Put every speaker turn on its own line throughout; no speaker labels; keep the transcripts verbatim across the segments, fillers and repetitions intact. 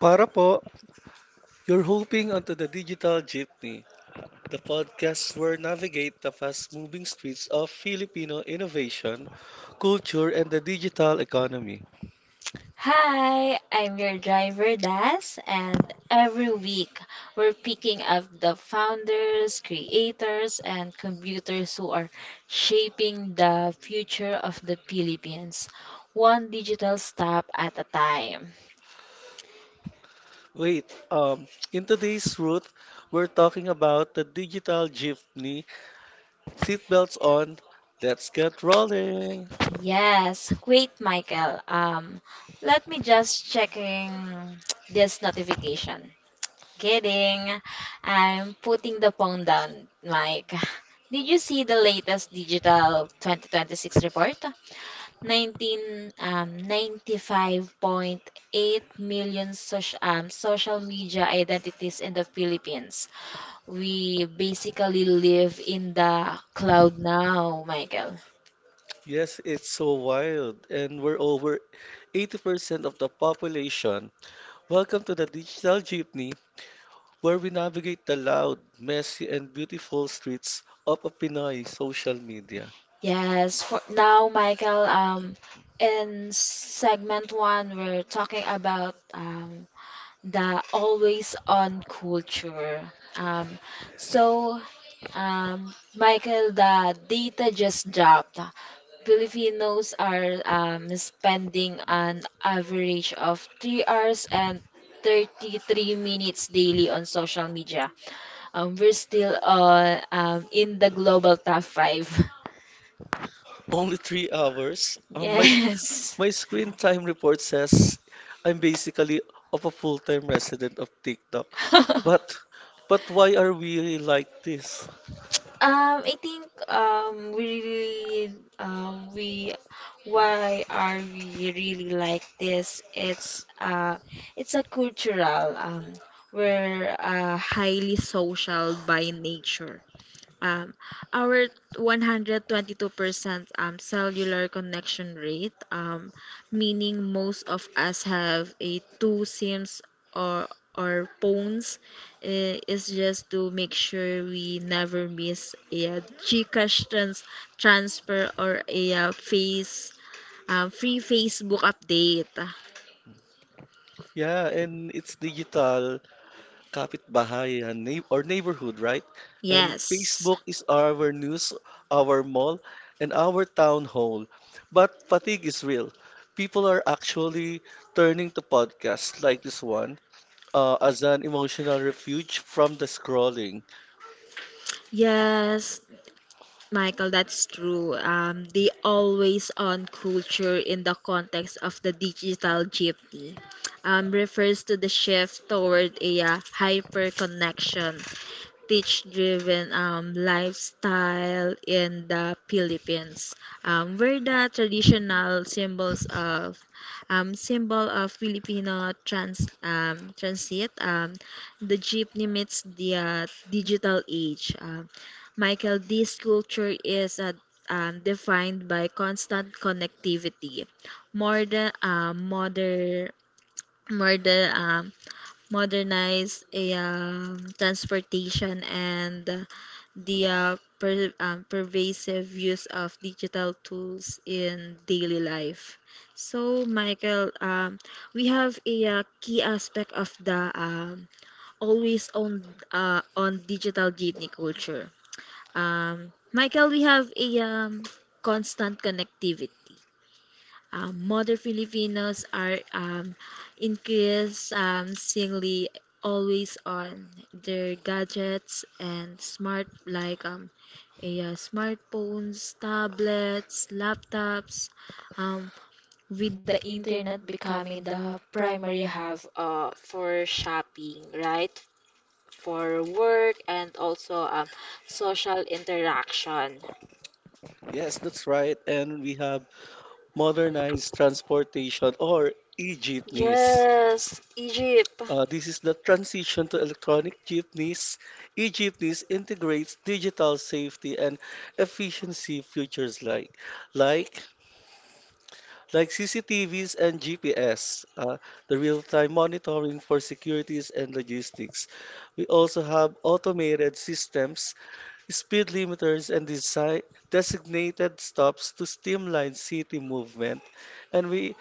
Para po, you're hoping onto the digital jeepney, the podcast where navigate the fast-moving streets of Filipino innovation, culture, and the digital economy.
Hi, I'm your driver Das, and every week we're picking up the founders, creators, and contributors who are shaping the future of the Philippines, one digital step at a time.
Wait, um, in today's route, we're talking about the digital jeepney. Seatbelts on, let's get rolling.
Yes, wait, Michael. Um, let me just checking this notification. Kidding. I'm putting the phone down, Mike. Did you see the latest digital twenty twenty-six report? 19, um, ninety-five point eight million social, um, social media identities in the Philippines. We basically live in the cloud now, Michael.
Yes, it's so wild, and we're over eighty percent of the population. Welcome to the digital jeepney, where we navigate the loud, messy, and beautiful streets of a Pinoy social media.
Yes, for now, Michael, um, in segment one, we're talking about um, the always on culture. Um, so, um, Michael, the data just dropped. Filipinos are um, spending an average of three hours and thirty-three minutes daily on social media. Um, we're still on, um, in the global top five.
Only three hours. Um, my
Yes.
my screen time report says I'm basically of a full-time resident of TikTok. But but why are we like this?
Um, I think um we really um we Why are we really like this? It's uh it's a cultural um we're uh highly social by nature. Um, our one hundred twenty-two percent um, cellular connection rate, um, meaning most of us have a two SIMs or or phones, eh, is just to make sure we never miss a uh, GCash trans transfer or a uh, face uh, free Facebook update.
Yeah, and it's digital kapitbahayan neigh- or neighborhood, right? And
Yes.
Facebook is our news, our mall, and our town hall. But fatigue is real. People are actually turning to podcasts like this one uh, as an emotional refuge from the scrolling.
Yes, Michael, that's true. Um, the always on culture in the context of the digital jeepney um, refers to the shift toward a hyper connection teach driven um, lifestyle in the Philippines, um, where the traditional symbols of um, symbol of Filipino trans um, transit, um, the jeepney meets the uh, digital age. Um, Michael, this culture is uh, um, defined by constant connectivity, more the uh, modern, more the um, modernize a um, transportation and uh, the uh, per, um, pervasive use of digital tools in daily life. So, Michael, um, we have a uh, key aspect of the um, always on uh, on digital jeepney culture. Um, Michael, we have a um, constant connectivity. Um, modern Filipinos are um, increasingly always on their gadgets and smart like um, a, uh, smartphones, tablets, laptops, um, with the internet becoming the primary hub uh, for shopping, right? For work and also um, social interaction.
Yes, that's right. And we have modernized transportation or e-jeepneys.
Yes, Egypt.
Uh, this is the transition to electronic jeepneys. E-jeepneys integrates digital safety and efficiency features like like like C C T Vs and G P S, uh, the real-time monitoring for securities and logistics. We also have automated systems, speed limiters, and design designated stops to streamline city movement. And we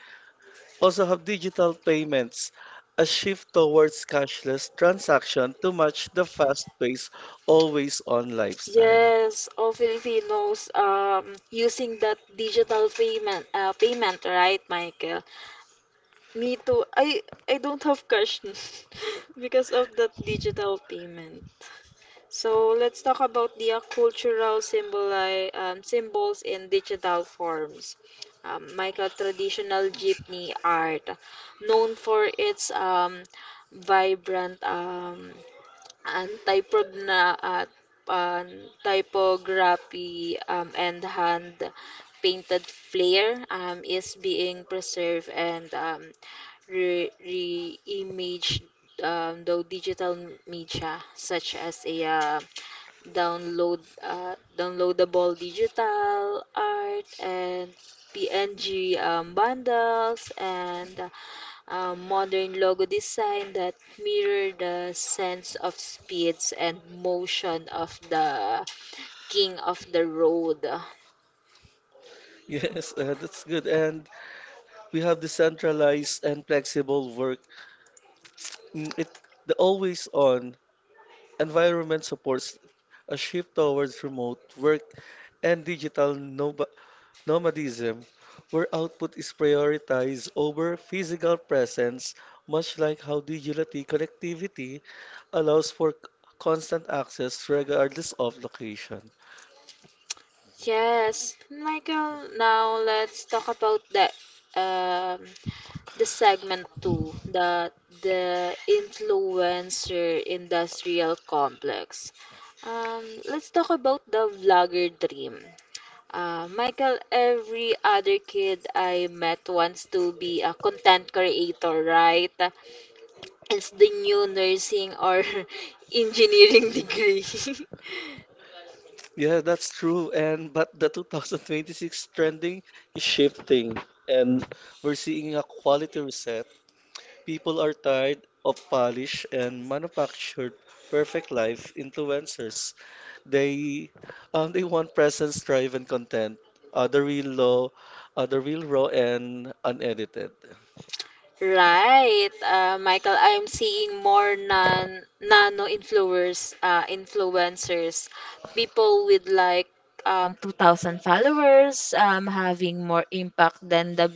also have digital payments, a shift towards cashless transaction to match the fast-paced, always-on lifestyle.
Yes, all Filipinos um using that digital payment uh payment, right, Michael? Me too. I I don't have cash because of that digital payment. So let's talk about the uh, cultural symboli um, symbols in digital forms. Um, Michael, traditional jeepney art, known for its um vibrant um and prog at um, typography, um, and hand painted flair, um, is being preserved and um, re- re-imaged, um, though digital media such as a uh, download uh, downloadable digital art and P N G um, bundles and uh, um, modern logo design that mirror the sense of speeds and motion of the king of the road.
Yes, uh, that's good. And we have decentralized and flexible work. Mm, It, the always-on environment supports a shift towards remote work and digital nob nomadism, where output is prioritized over physical presence, much like how digital connectivity allows for c- constant access regardless of location.
Yes, Michael, now let's talk about the um, the segment two, the the influencer industrial complex. Um, let's talk about the vlogger dream. Uh, Michael, every other kid I met wants to be a content creator, right? It's the new nursing or engineering degree.
Yeah, that's true. And but the twenty twenty-six trending is shifting, and we're seeing a quality reset. People are tired of polished and manufactured perfect life influencers. They um, they want presence, drive, and content. Uh, the real raw, uh, the real raw and unedited.
Right, uh, Michael, I'm seeing more non nano influencers, uh, influencers, people with like um, two thousand followers, um, having more impact than the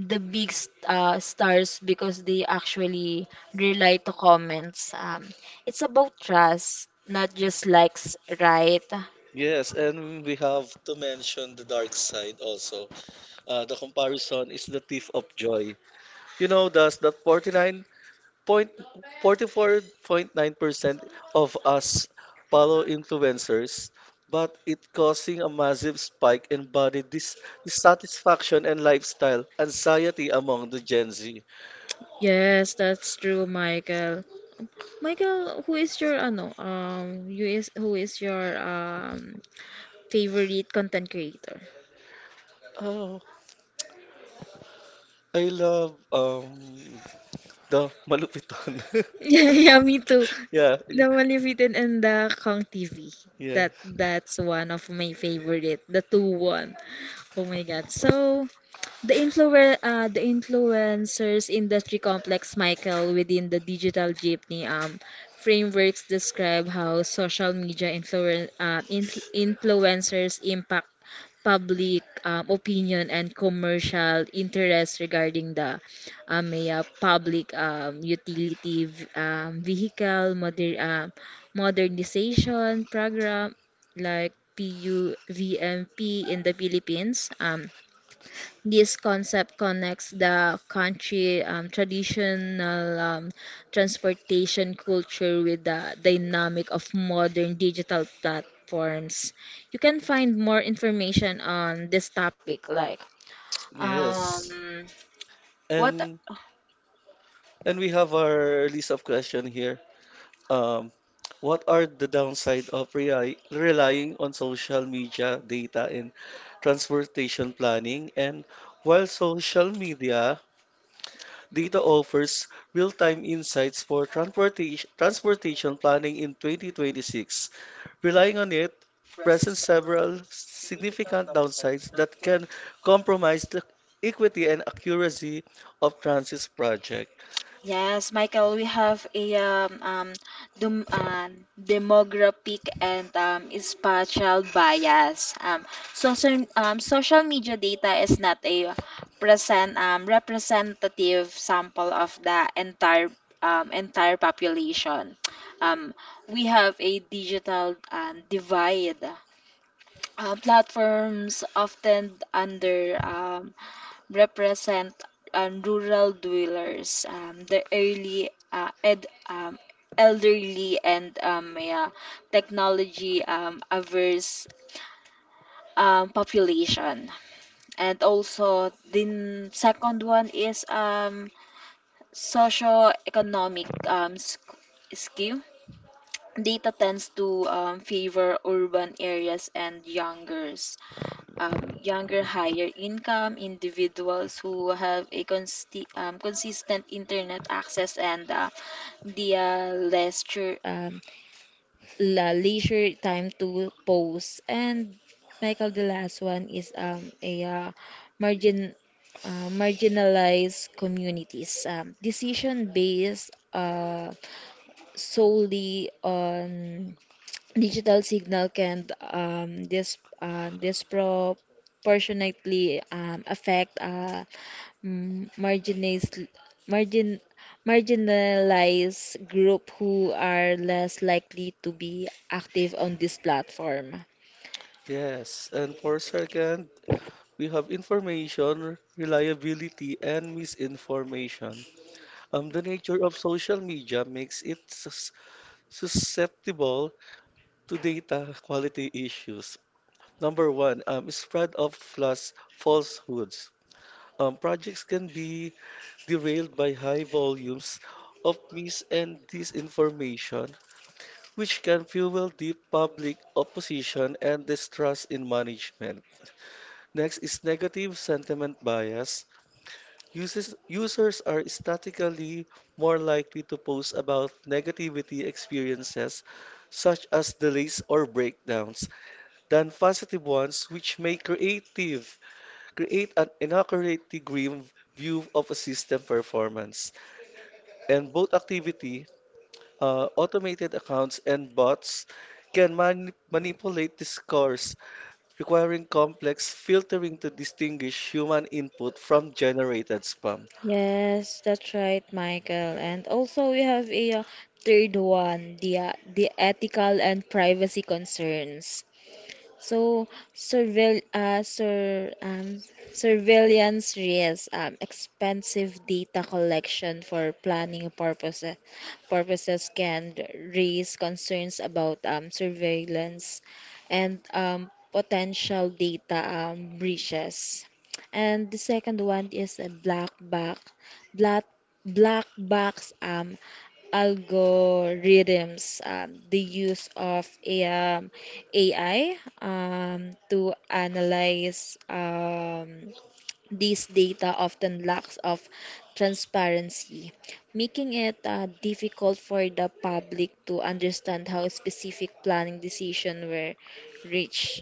the big s- uh, stars because they actually rely to comments. Um, it's about trust, not just likes, right?
Yes, and we have to mention the dark side also. Uh, the comparison is the thief of joy. You know, does that forty-nine point nine forty-four point nine percent of us follow influencers, but it causing a massive spike in body dis- dissatisfaction and lifestyle anxiety among the Gen Z.
Yes, that's true, Michael. Michael, who is your ano um you is who is your um favorite content creator?
Oh, I love um the malupiton.
Yeah, yeah, me too.
yeah,
The Malefitten and the Kong T V.
yeah,
That that's one of my favorite. The two one. Oh my God. So the influ uh, the influencers industry complex, Michael, within the digital jeepney um frameworks describe how social media influen uh, influ influencers impact public um, opinion and commercial interest regarding the um, may, uh, public um, utility v- um, vehicle moder uh, modernization program like P U V M P in the Philippines. Um, this concept connects the country um, traditional um, transportation culture with the dynamic of modern digital platforms. You can find more information on this topic, like. Yes.
yes.
um, what?
And and we have our list of question here. Um, what are the downside of rely relying on social media data in transportation planning? And while social media data offers real-time insights for transportation transportation planning in twenty twenty-six, relying on it presents several significant downsides that can compromise the equity and accuracy of transit project.
Yes, Michael, we have a um, um, dem uh, demographic and um, spatial bias. Um, social, um, social media data is not a present um, representative sample of the entire um, entire population. Um, we have a digital um, divide. Uh, platforms often under um, represent um, rural dwellers, um, the early uh, ed, um, elderly and um, yeah, technology um, averse um, population. And also, the n- second one is um, socio-economic um, sc- skew. Data tends to um, favor urban areas and youngers. um, younger, higher income individuals who have a consti- um, consistent internet access and uh, the uh, leisure, um, la- leisure time to pose. And Michael, the last one is um, a uh, margin. Uh, marginalized communities um, decision based uh, solely on digital signal can um, dis, uh, disproportionately um, affect uh, mm, marginalis- margin, marginalized group who are less likely to be active on this platform.
Yes, and for second, we have information, reliability, and misinformation. Um, the nature of social media makes it sus- susceptible to data quality issues. Number one, um, spread of false falsehoods. Um, projects can be derailed by high volumes of mis and disinformation, which can fuel deep public opposition and distrust in management. Next is negative sentiment bias. Users, users are statistically more likely to post about negativity experiences, such as delays or breakdowns, than positive ones, which may creative, create an inaccurately grim view of a system performance. And both activity, uh, automated accounts and bots, can mani- manipulate discourse, requiring complex filtering to distinguish human input from generated spam.
Yes, that's right, Michael. And also, we have a uh, third one, the uh, the ethical and privacy concerns. So, surveil, uh, sur, um, surveillance risk, um, expensive data collection for planning purposes, purposes can raise concerns about um, surveillance and um, potential data um, breaches. And the second one is a black box, black, black box um, algorithms. Um, the use of a, um, A I um, to analyze um, these data often lacks of transparency, making it uh, difficult for the public to understand how specific planning decisions were reached.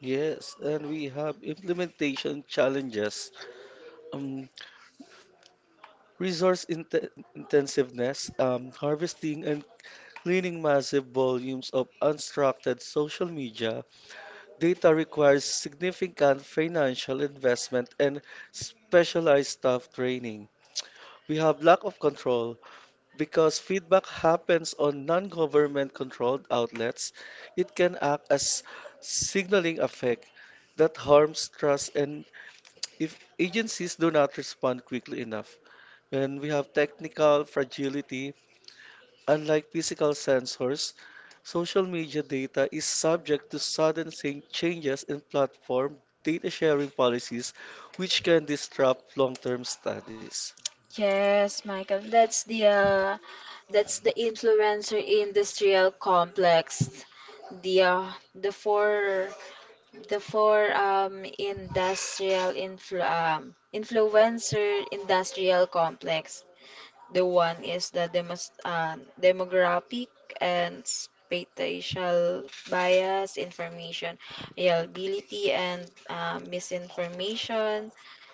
Yes, and we have implementation challenges, um, resource inte- intensiveness, um, harvesting and cleaning massive volumes of unstructured social media data requires significant financial investment and specialized staff training. We have lack of control because feedback happens on non-government controlled outlets. It can act as signaling effect that harms trust and if agencies do not respond quickly enough, when we have technical fragility, unlike physical sensors, social media data is subject to sudden sa- changes in platform data sharing policies, which can disrupt long-term studies.
Yes, Michael, that's the uh, that's the influencer industrial complex. The uh, the four The four um, industrial influ um, influencer industrial complex. The one is the demos uh, demographic and spatial bias, information, reliability and uh, misinformation,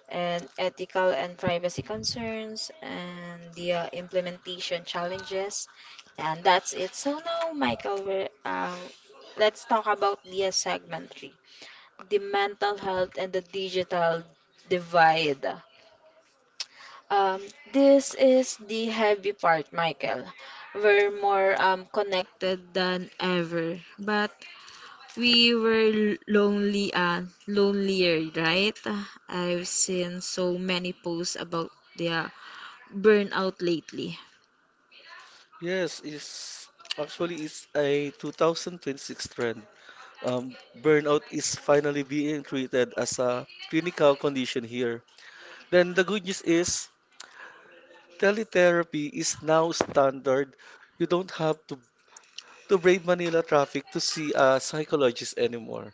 and ethical and privacy concerns, and the uh, implementation challenges. And that's it. So now, Michael, we're, uh, let's talk about the uh, segment three, the mental health and the digital divide. Um, this is the heavy part, Michael. We're more um, connected than ever, but we were l- lonely and lonelier, right? I've seen so many posts about the uh, burnout lately.
Yes, it's actually it's a twenty twenty-six trend. Um, burnout is finally being treated as a clinical condition here. Then the good news is teletherapy is now standard. You don't have to to brave Manila traffic to see a psychologist anymore.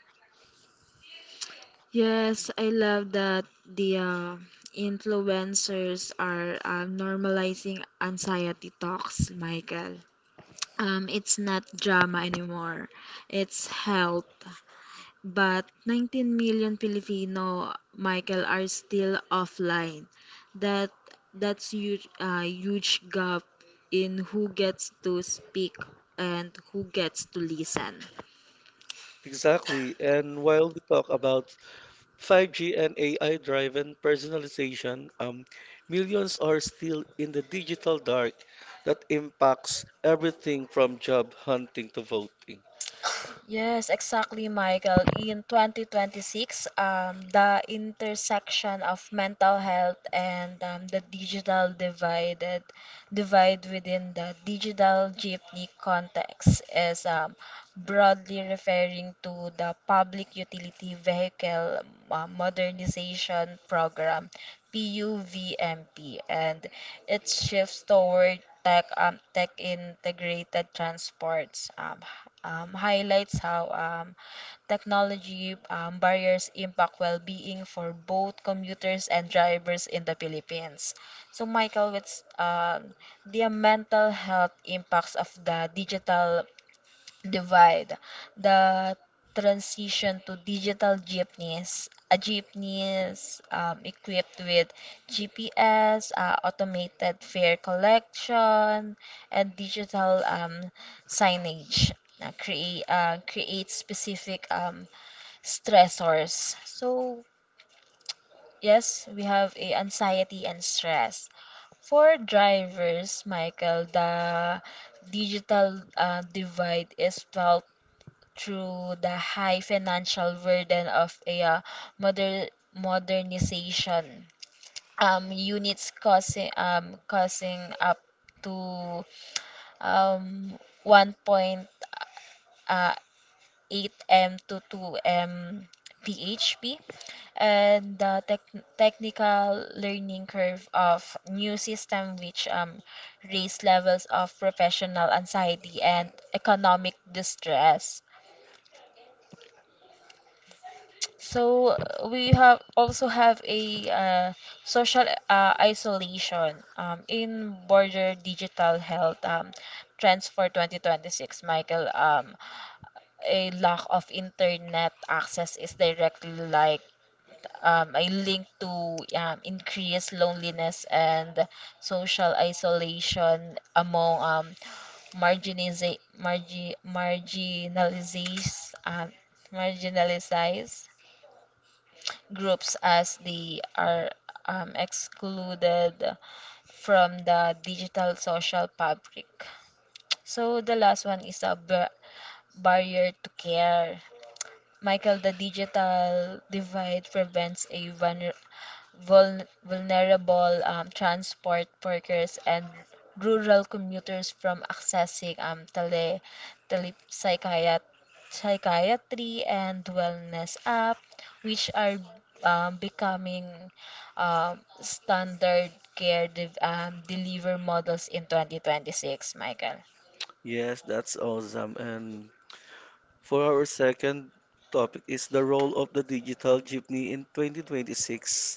Yes, I love that the uh, influencers are um, normalizing anxiety talks, Michael. Um, it's not drama anymore. It's health. But nineteen million Filipino, Michael, are still offline. That that's huge, uh, huge gap in who gets to speak and who gets to listen.
Exactly. And while we talk about five G and A I-driven personalization, um, millions are still in the digital dark that impacts everything from job hunting to voting.
Yes, exactly, Michael. In twenty twenty-six, um, the intersection of mental health and um, the digital divided divide within the digital jeepney context is um, broadly referring to the public utility vehicle uh, modernization program P U V M P, and it shifts toward tech, um, tech integrated transports um, h- um, highlights how um, technology um, barriers impact well-being for both commuters and drivers in the Philippines. So, Michael, what's um, the mental health impacts of the digital divide, the transition to digital jeepneys? A jeepneys um, equipped with G P S, uh, automated fare collection, and digital um, signage uh, create uh, create specific um, stressors. Yes, we have a anxiety and stress. For drivers, Michael, the digital uh, divide is felt through the high financial burden of a uh, moder- modernization um, units, causing um, causing up to um, one point eight m to two m P H P, and the tec- technical learning curve of new system which um, raise levels of professional anxiety and economic distress. So uh, we have also have a uh, social uh, isolation um, in border digital health um, trends for twenty twenty-six, Michael. Um, a lack of internet access is directly, like, um, a link to um, increased loneliness and social isolation among um, marginalize, margi, marginalized, um, marginalized groups as they are um, excluded from the digital social fabric. So the last one is a bar- barrier to care. Michael, the digital divide prevents a vulner- vul- vulnerable um, transport workers and rural commuters from accessing um, tele, tele psychiat- psychiatry and wellness app, which are um, becoming um, standard care de- um, deliver models in twenty twenty-six, Michael.
Yes, that's awesome. And for our second topic is the role of the digital jeepney in twenty twenty-six.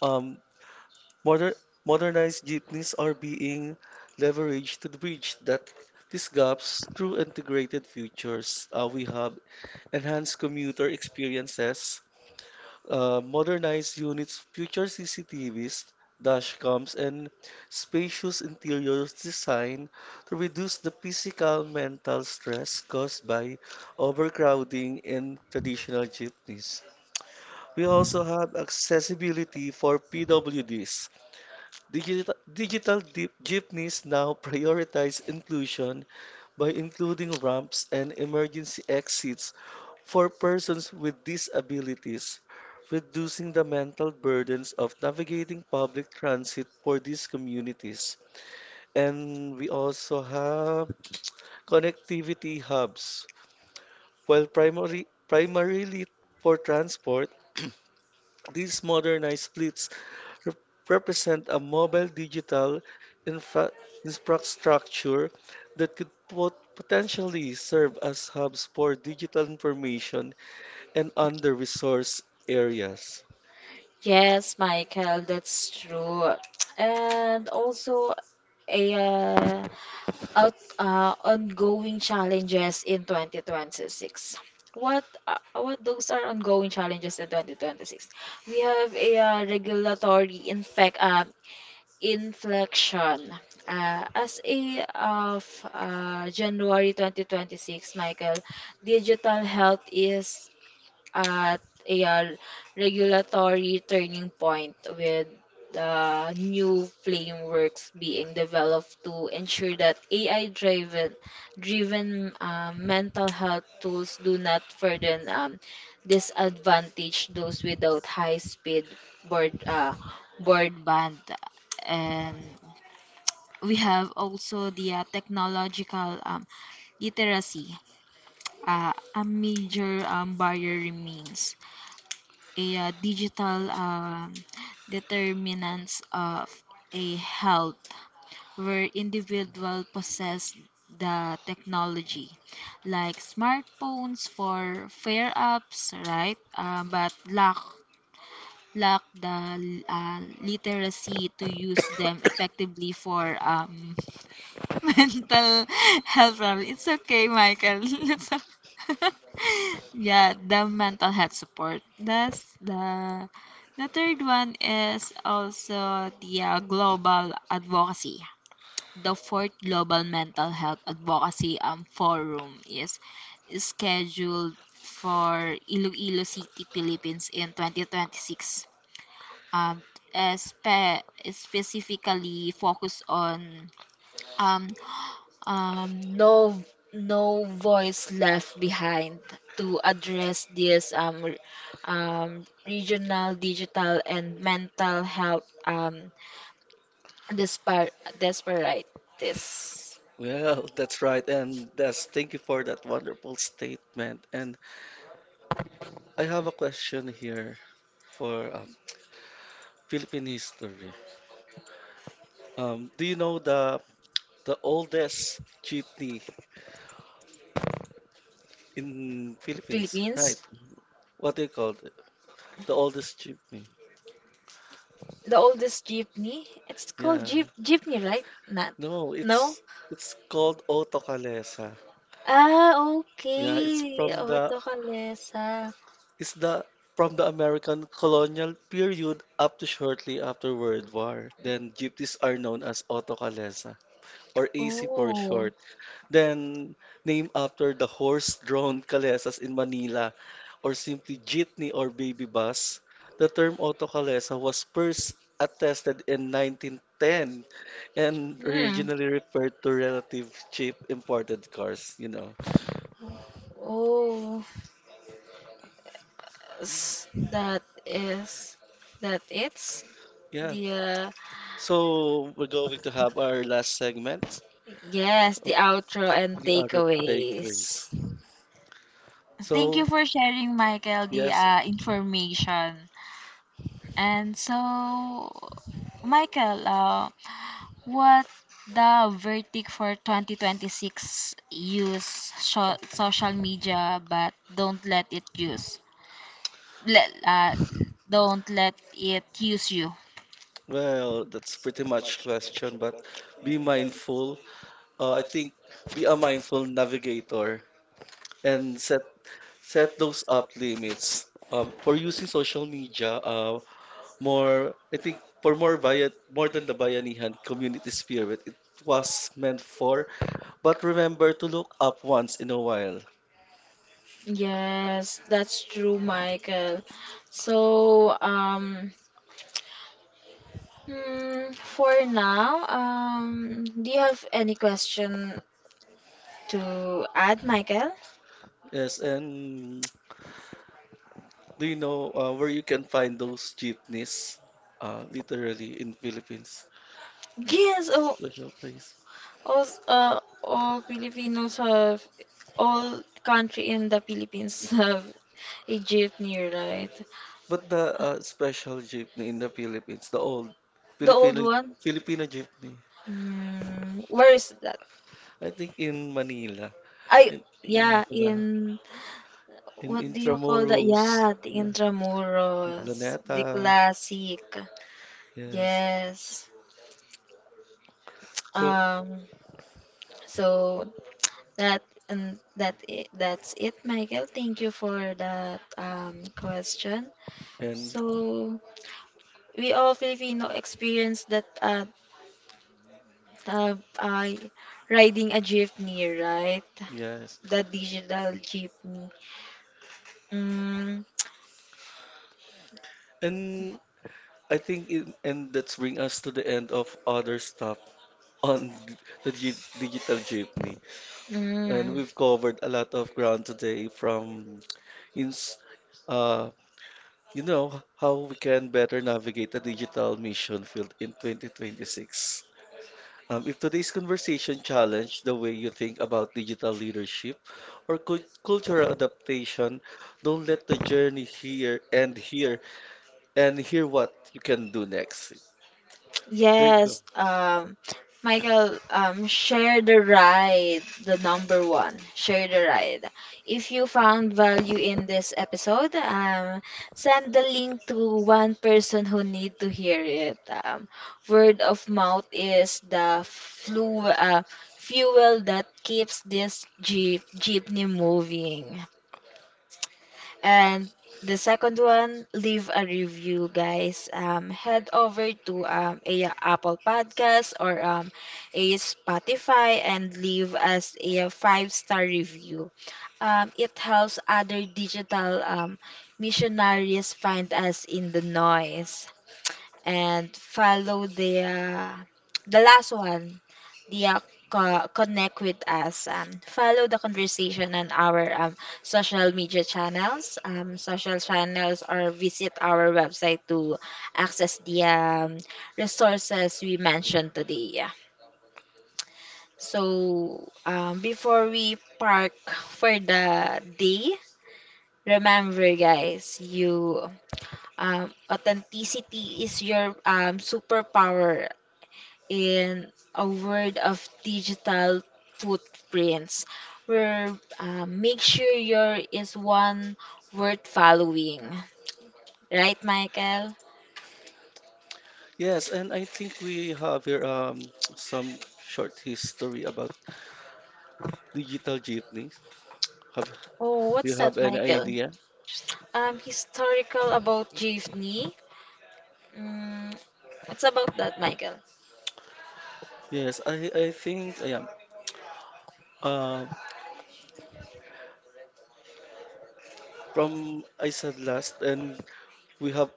Um, Moder modernized jeepneys are being leveraged to bridge that these gaps through integrated features. Uh, we have enhanced commuter experiences, uh, modernized units, future C C T Vs, dash cams, and spacious interior design to reduce the physical mental stress caused by overcrowding in traditional jeepneys. We also have accessibility for P W Ds. Digital, digital di- jeepneys now prioritize inclusion by including ramps and emergency exits for persons with disabilities, reducing the mental burdens of navigating public transit for these communities. And we also have connectivity hubs. While primarily, primarily for transport, these modernized fleets rep- represent a mobile digital infra- infrastructure that could pot- potentially serve as hubs for digital information and under-resourced areas.
Yes, Michael, that's true. And also, a uh, out, uh, ongoing challenges in twenty twenty-six. What uh, what those are ongoing challenges in twenty twenty-six? We have a uh, regulatory infec uh, inflection. Uh, as a of uh, January twenty twenty-six, Michael, digital health is at a uh, regulatory turning point with the new frameworks being developed to ensure that A I driven driven uh, mental health tools do not further um, disadvantage those without high speed board uh, broadband. And we have also the uh, technological um, literacy. Uh, a major um, barrier remains a uh, digital um, determinants of a health where individual possess the technology like smartphones for fair apps, right, uh, but lack lack the uh, literacy to use them effectively for um, mental health problem. It's okay, Michael. It's o- Yeah, the mental health support. That's the the third one is also the uh, global advocacy. The fourth global mental health advocacy um forum is scheduled for Iloilo City, Philippines in twenty twenty-six. Um, uh, spe specifically focused on um, um, no no voice left behind to address this um, r- um, regional digital and mental health um, dispar disparities.
Well, that's right, and that's thank you for that wonderful statement. And I have a question here for uh, Philippine history. Um, do you know the the oldest jeepney in Philippines? Right?
Philippines,
What do you call it? The oldest jeepney?
the oldest jeepney. It's called
Yeah.
jeep jeepney, right? Not
No,
no.
it's it's called Otokalesa.
Ah,
Yeah, it's
okay.
from the
Auto kalesa.
it's the from the American colonial period up to shortly after World War. Then gypsies are known as Otokalesa or A C for
Oh.
short, then named after the horse-drawn calesas in Manila, or simply jeepney or baby bus. The term autocalesa was first attested in nineteen ten and
Hmm.
originally referred to relative cheap imported cars, you know.
Oh, s- that is that it's
Yeah,
the uh,
so we're going to have our last segment,
yes,
uh,
the outro and
the auto takeaways.
takeaways. Thank you
So,
for sharing, Michael, the
yes,
uh, information. And so, Michael, uh, what the verdict for twenty twenty-six? Use sho social media, but don't let it use let uh, don't let it use you.
well, that's pretty much question, but be mindful. Uh, I think be a mindful navigator and set set those up limits. Um, for using social media, uh, more I think for more bayat more than the bayanihan community spirit, it was meant for. But remember to look up once in a while.
Yes, that's true, Michael. So, um, mm, for now, um, do you have any question to add, Michael?
Yes, and do you know uh, where you can find those jeepneys? Uh, literally in Philippines,
Yes, all,
special place.
all, uh, all Filipinos have, all country in the Philippines have a jeepney, right?
But the uh, special jeepney in the Philippines, the old
The old
Filipino
one?
Filipino jeepney,
Mm, where is that?
I think in Manila,
I,
in, yeah,
yeah,
diba?
in
In
What do you call that?
Intramuros,
Yeah, the
yeah, in
Intramuros,
Luneta,
the classic.
yes.
Yes.
So
Um, so that and that i- that's it, Michael. Thank you for that um question.
and
So we all Filipino experience that uh, uh, uh riding a jeepney, right?
yes,
The digital jeepney. Mm,
and I think in, and that's bring us to the end of other stuff on d- the gi- digital jeepney, and
mm.
we've covered a lot of ground today from ins uh you know how we can better navigate the digital mission field in twenty twenty-six. Um, if today's conversation challenged the way you think about digital leadership or cul- cultural adaptation, don't let the journey here end here and hear what you can do next. There you go.
Yes, um, Michael, um, share the ride, the number one, share the ride. If you found value in this episode, um, send the link to one person who need to hear it. Um, word of mouth is the flu, uh, fuel that keeps this jeep jeepney moving. And the second one, leave a review, guys. Um, head over to um, a Apple Podcast or um, a Spotify and leave us a five-star review. Um, it helps other digital um, missionaries find us in the noise and follow the uh, the last one, media co- connect with us. Um, follow the conversation on our um, social media channels. Um, social channels or visit our website to access the um, resources we mentioned today. Yeah. So, um, before we park for the day, remember, guys, you um, authenticity is your um, superpower in a world of digital footprints, where uh, make sure your is one worth following. Right, Michael?
Yes, and I think we have here um, some short history about digital jeepney. Have
Oh,
do
what's
you have
that,
any
Michael?
idea?
Um, historical about Jivni. Mm, it's about that, Michael.
Yes, I I think I am. Uh, from I said last, and we have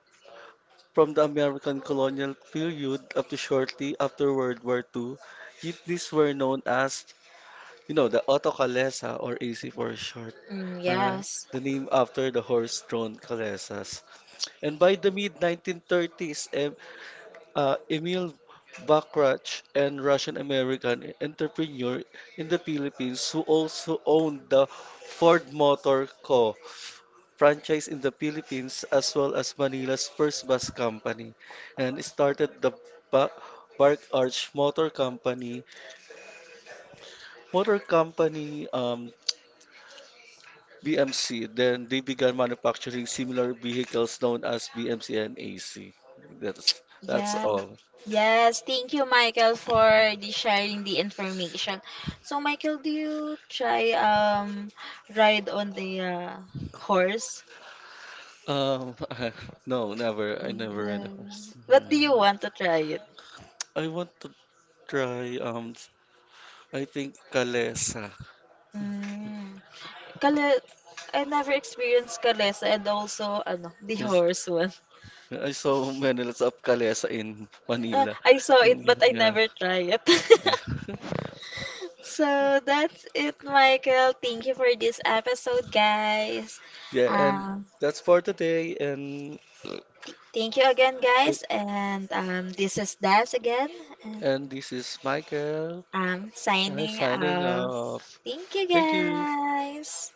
from the American colonial period up to shortly after World War two, jeepneys were known as, you know, the auto calesa or A C for short,
Mm,
uh,
yes.
the name after the horse-drawn calesas. And by the mid-nineteen thirties, uh, Emil Bakrach, an Russian-American entrepreneur in the Philippines who also owned the Ford Motor Co. franchise in the Philippines as well as Manila's first bus company and started the ba- Bark Arch Motor Company, Motor Company um, B M C. Then they began manufacturing similar vehicles known as B M C and A C. That's that's
Yeah.
all.
Yes, thank you, Michael, for the sharing the information. So, Michael, do you try um ride on the uh, horse?
Um, no, never. I never ride a
No.
horse.
What do you
Yeah.
want to try it?
I want to try um I think Calesa.
Mm. Kale I never experienced kalesa and also ano, the
Yes.
horse one.
I saw many lots of Calesa in
Uh,
Manila.
I saw
And
it but I
yeah,
never try it.
yeah.
So that's it, Michael. Thank you for this episode, guys.
Yeah, and that's for today and uh,
Thank you again, guys. And um, this is Das again. And
and this is Michael.
I'm
I
signing
signing
out.
off.
Thank you,
Thank you.
guys.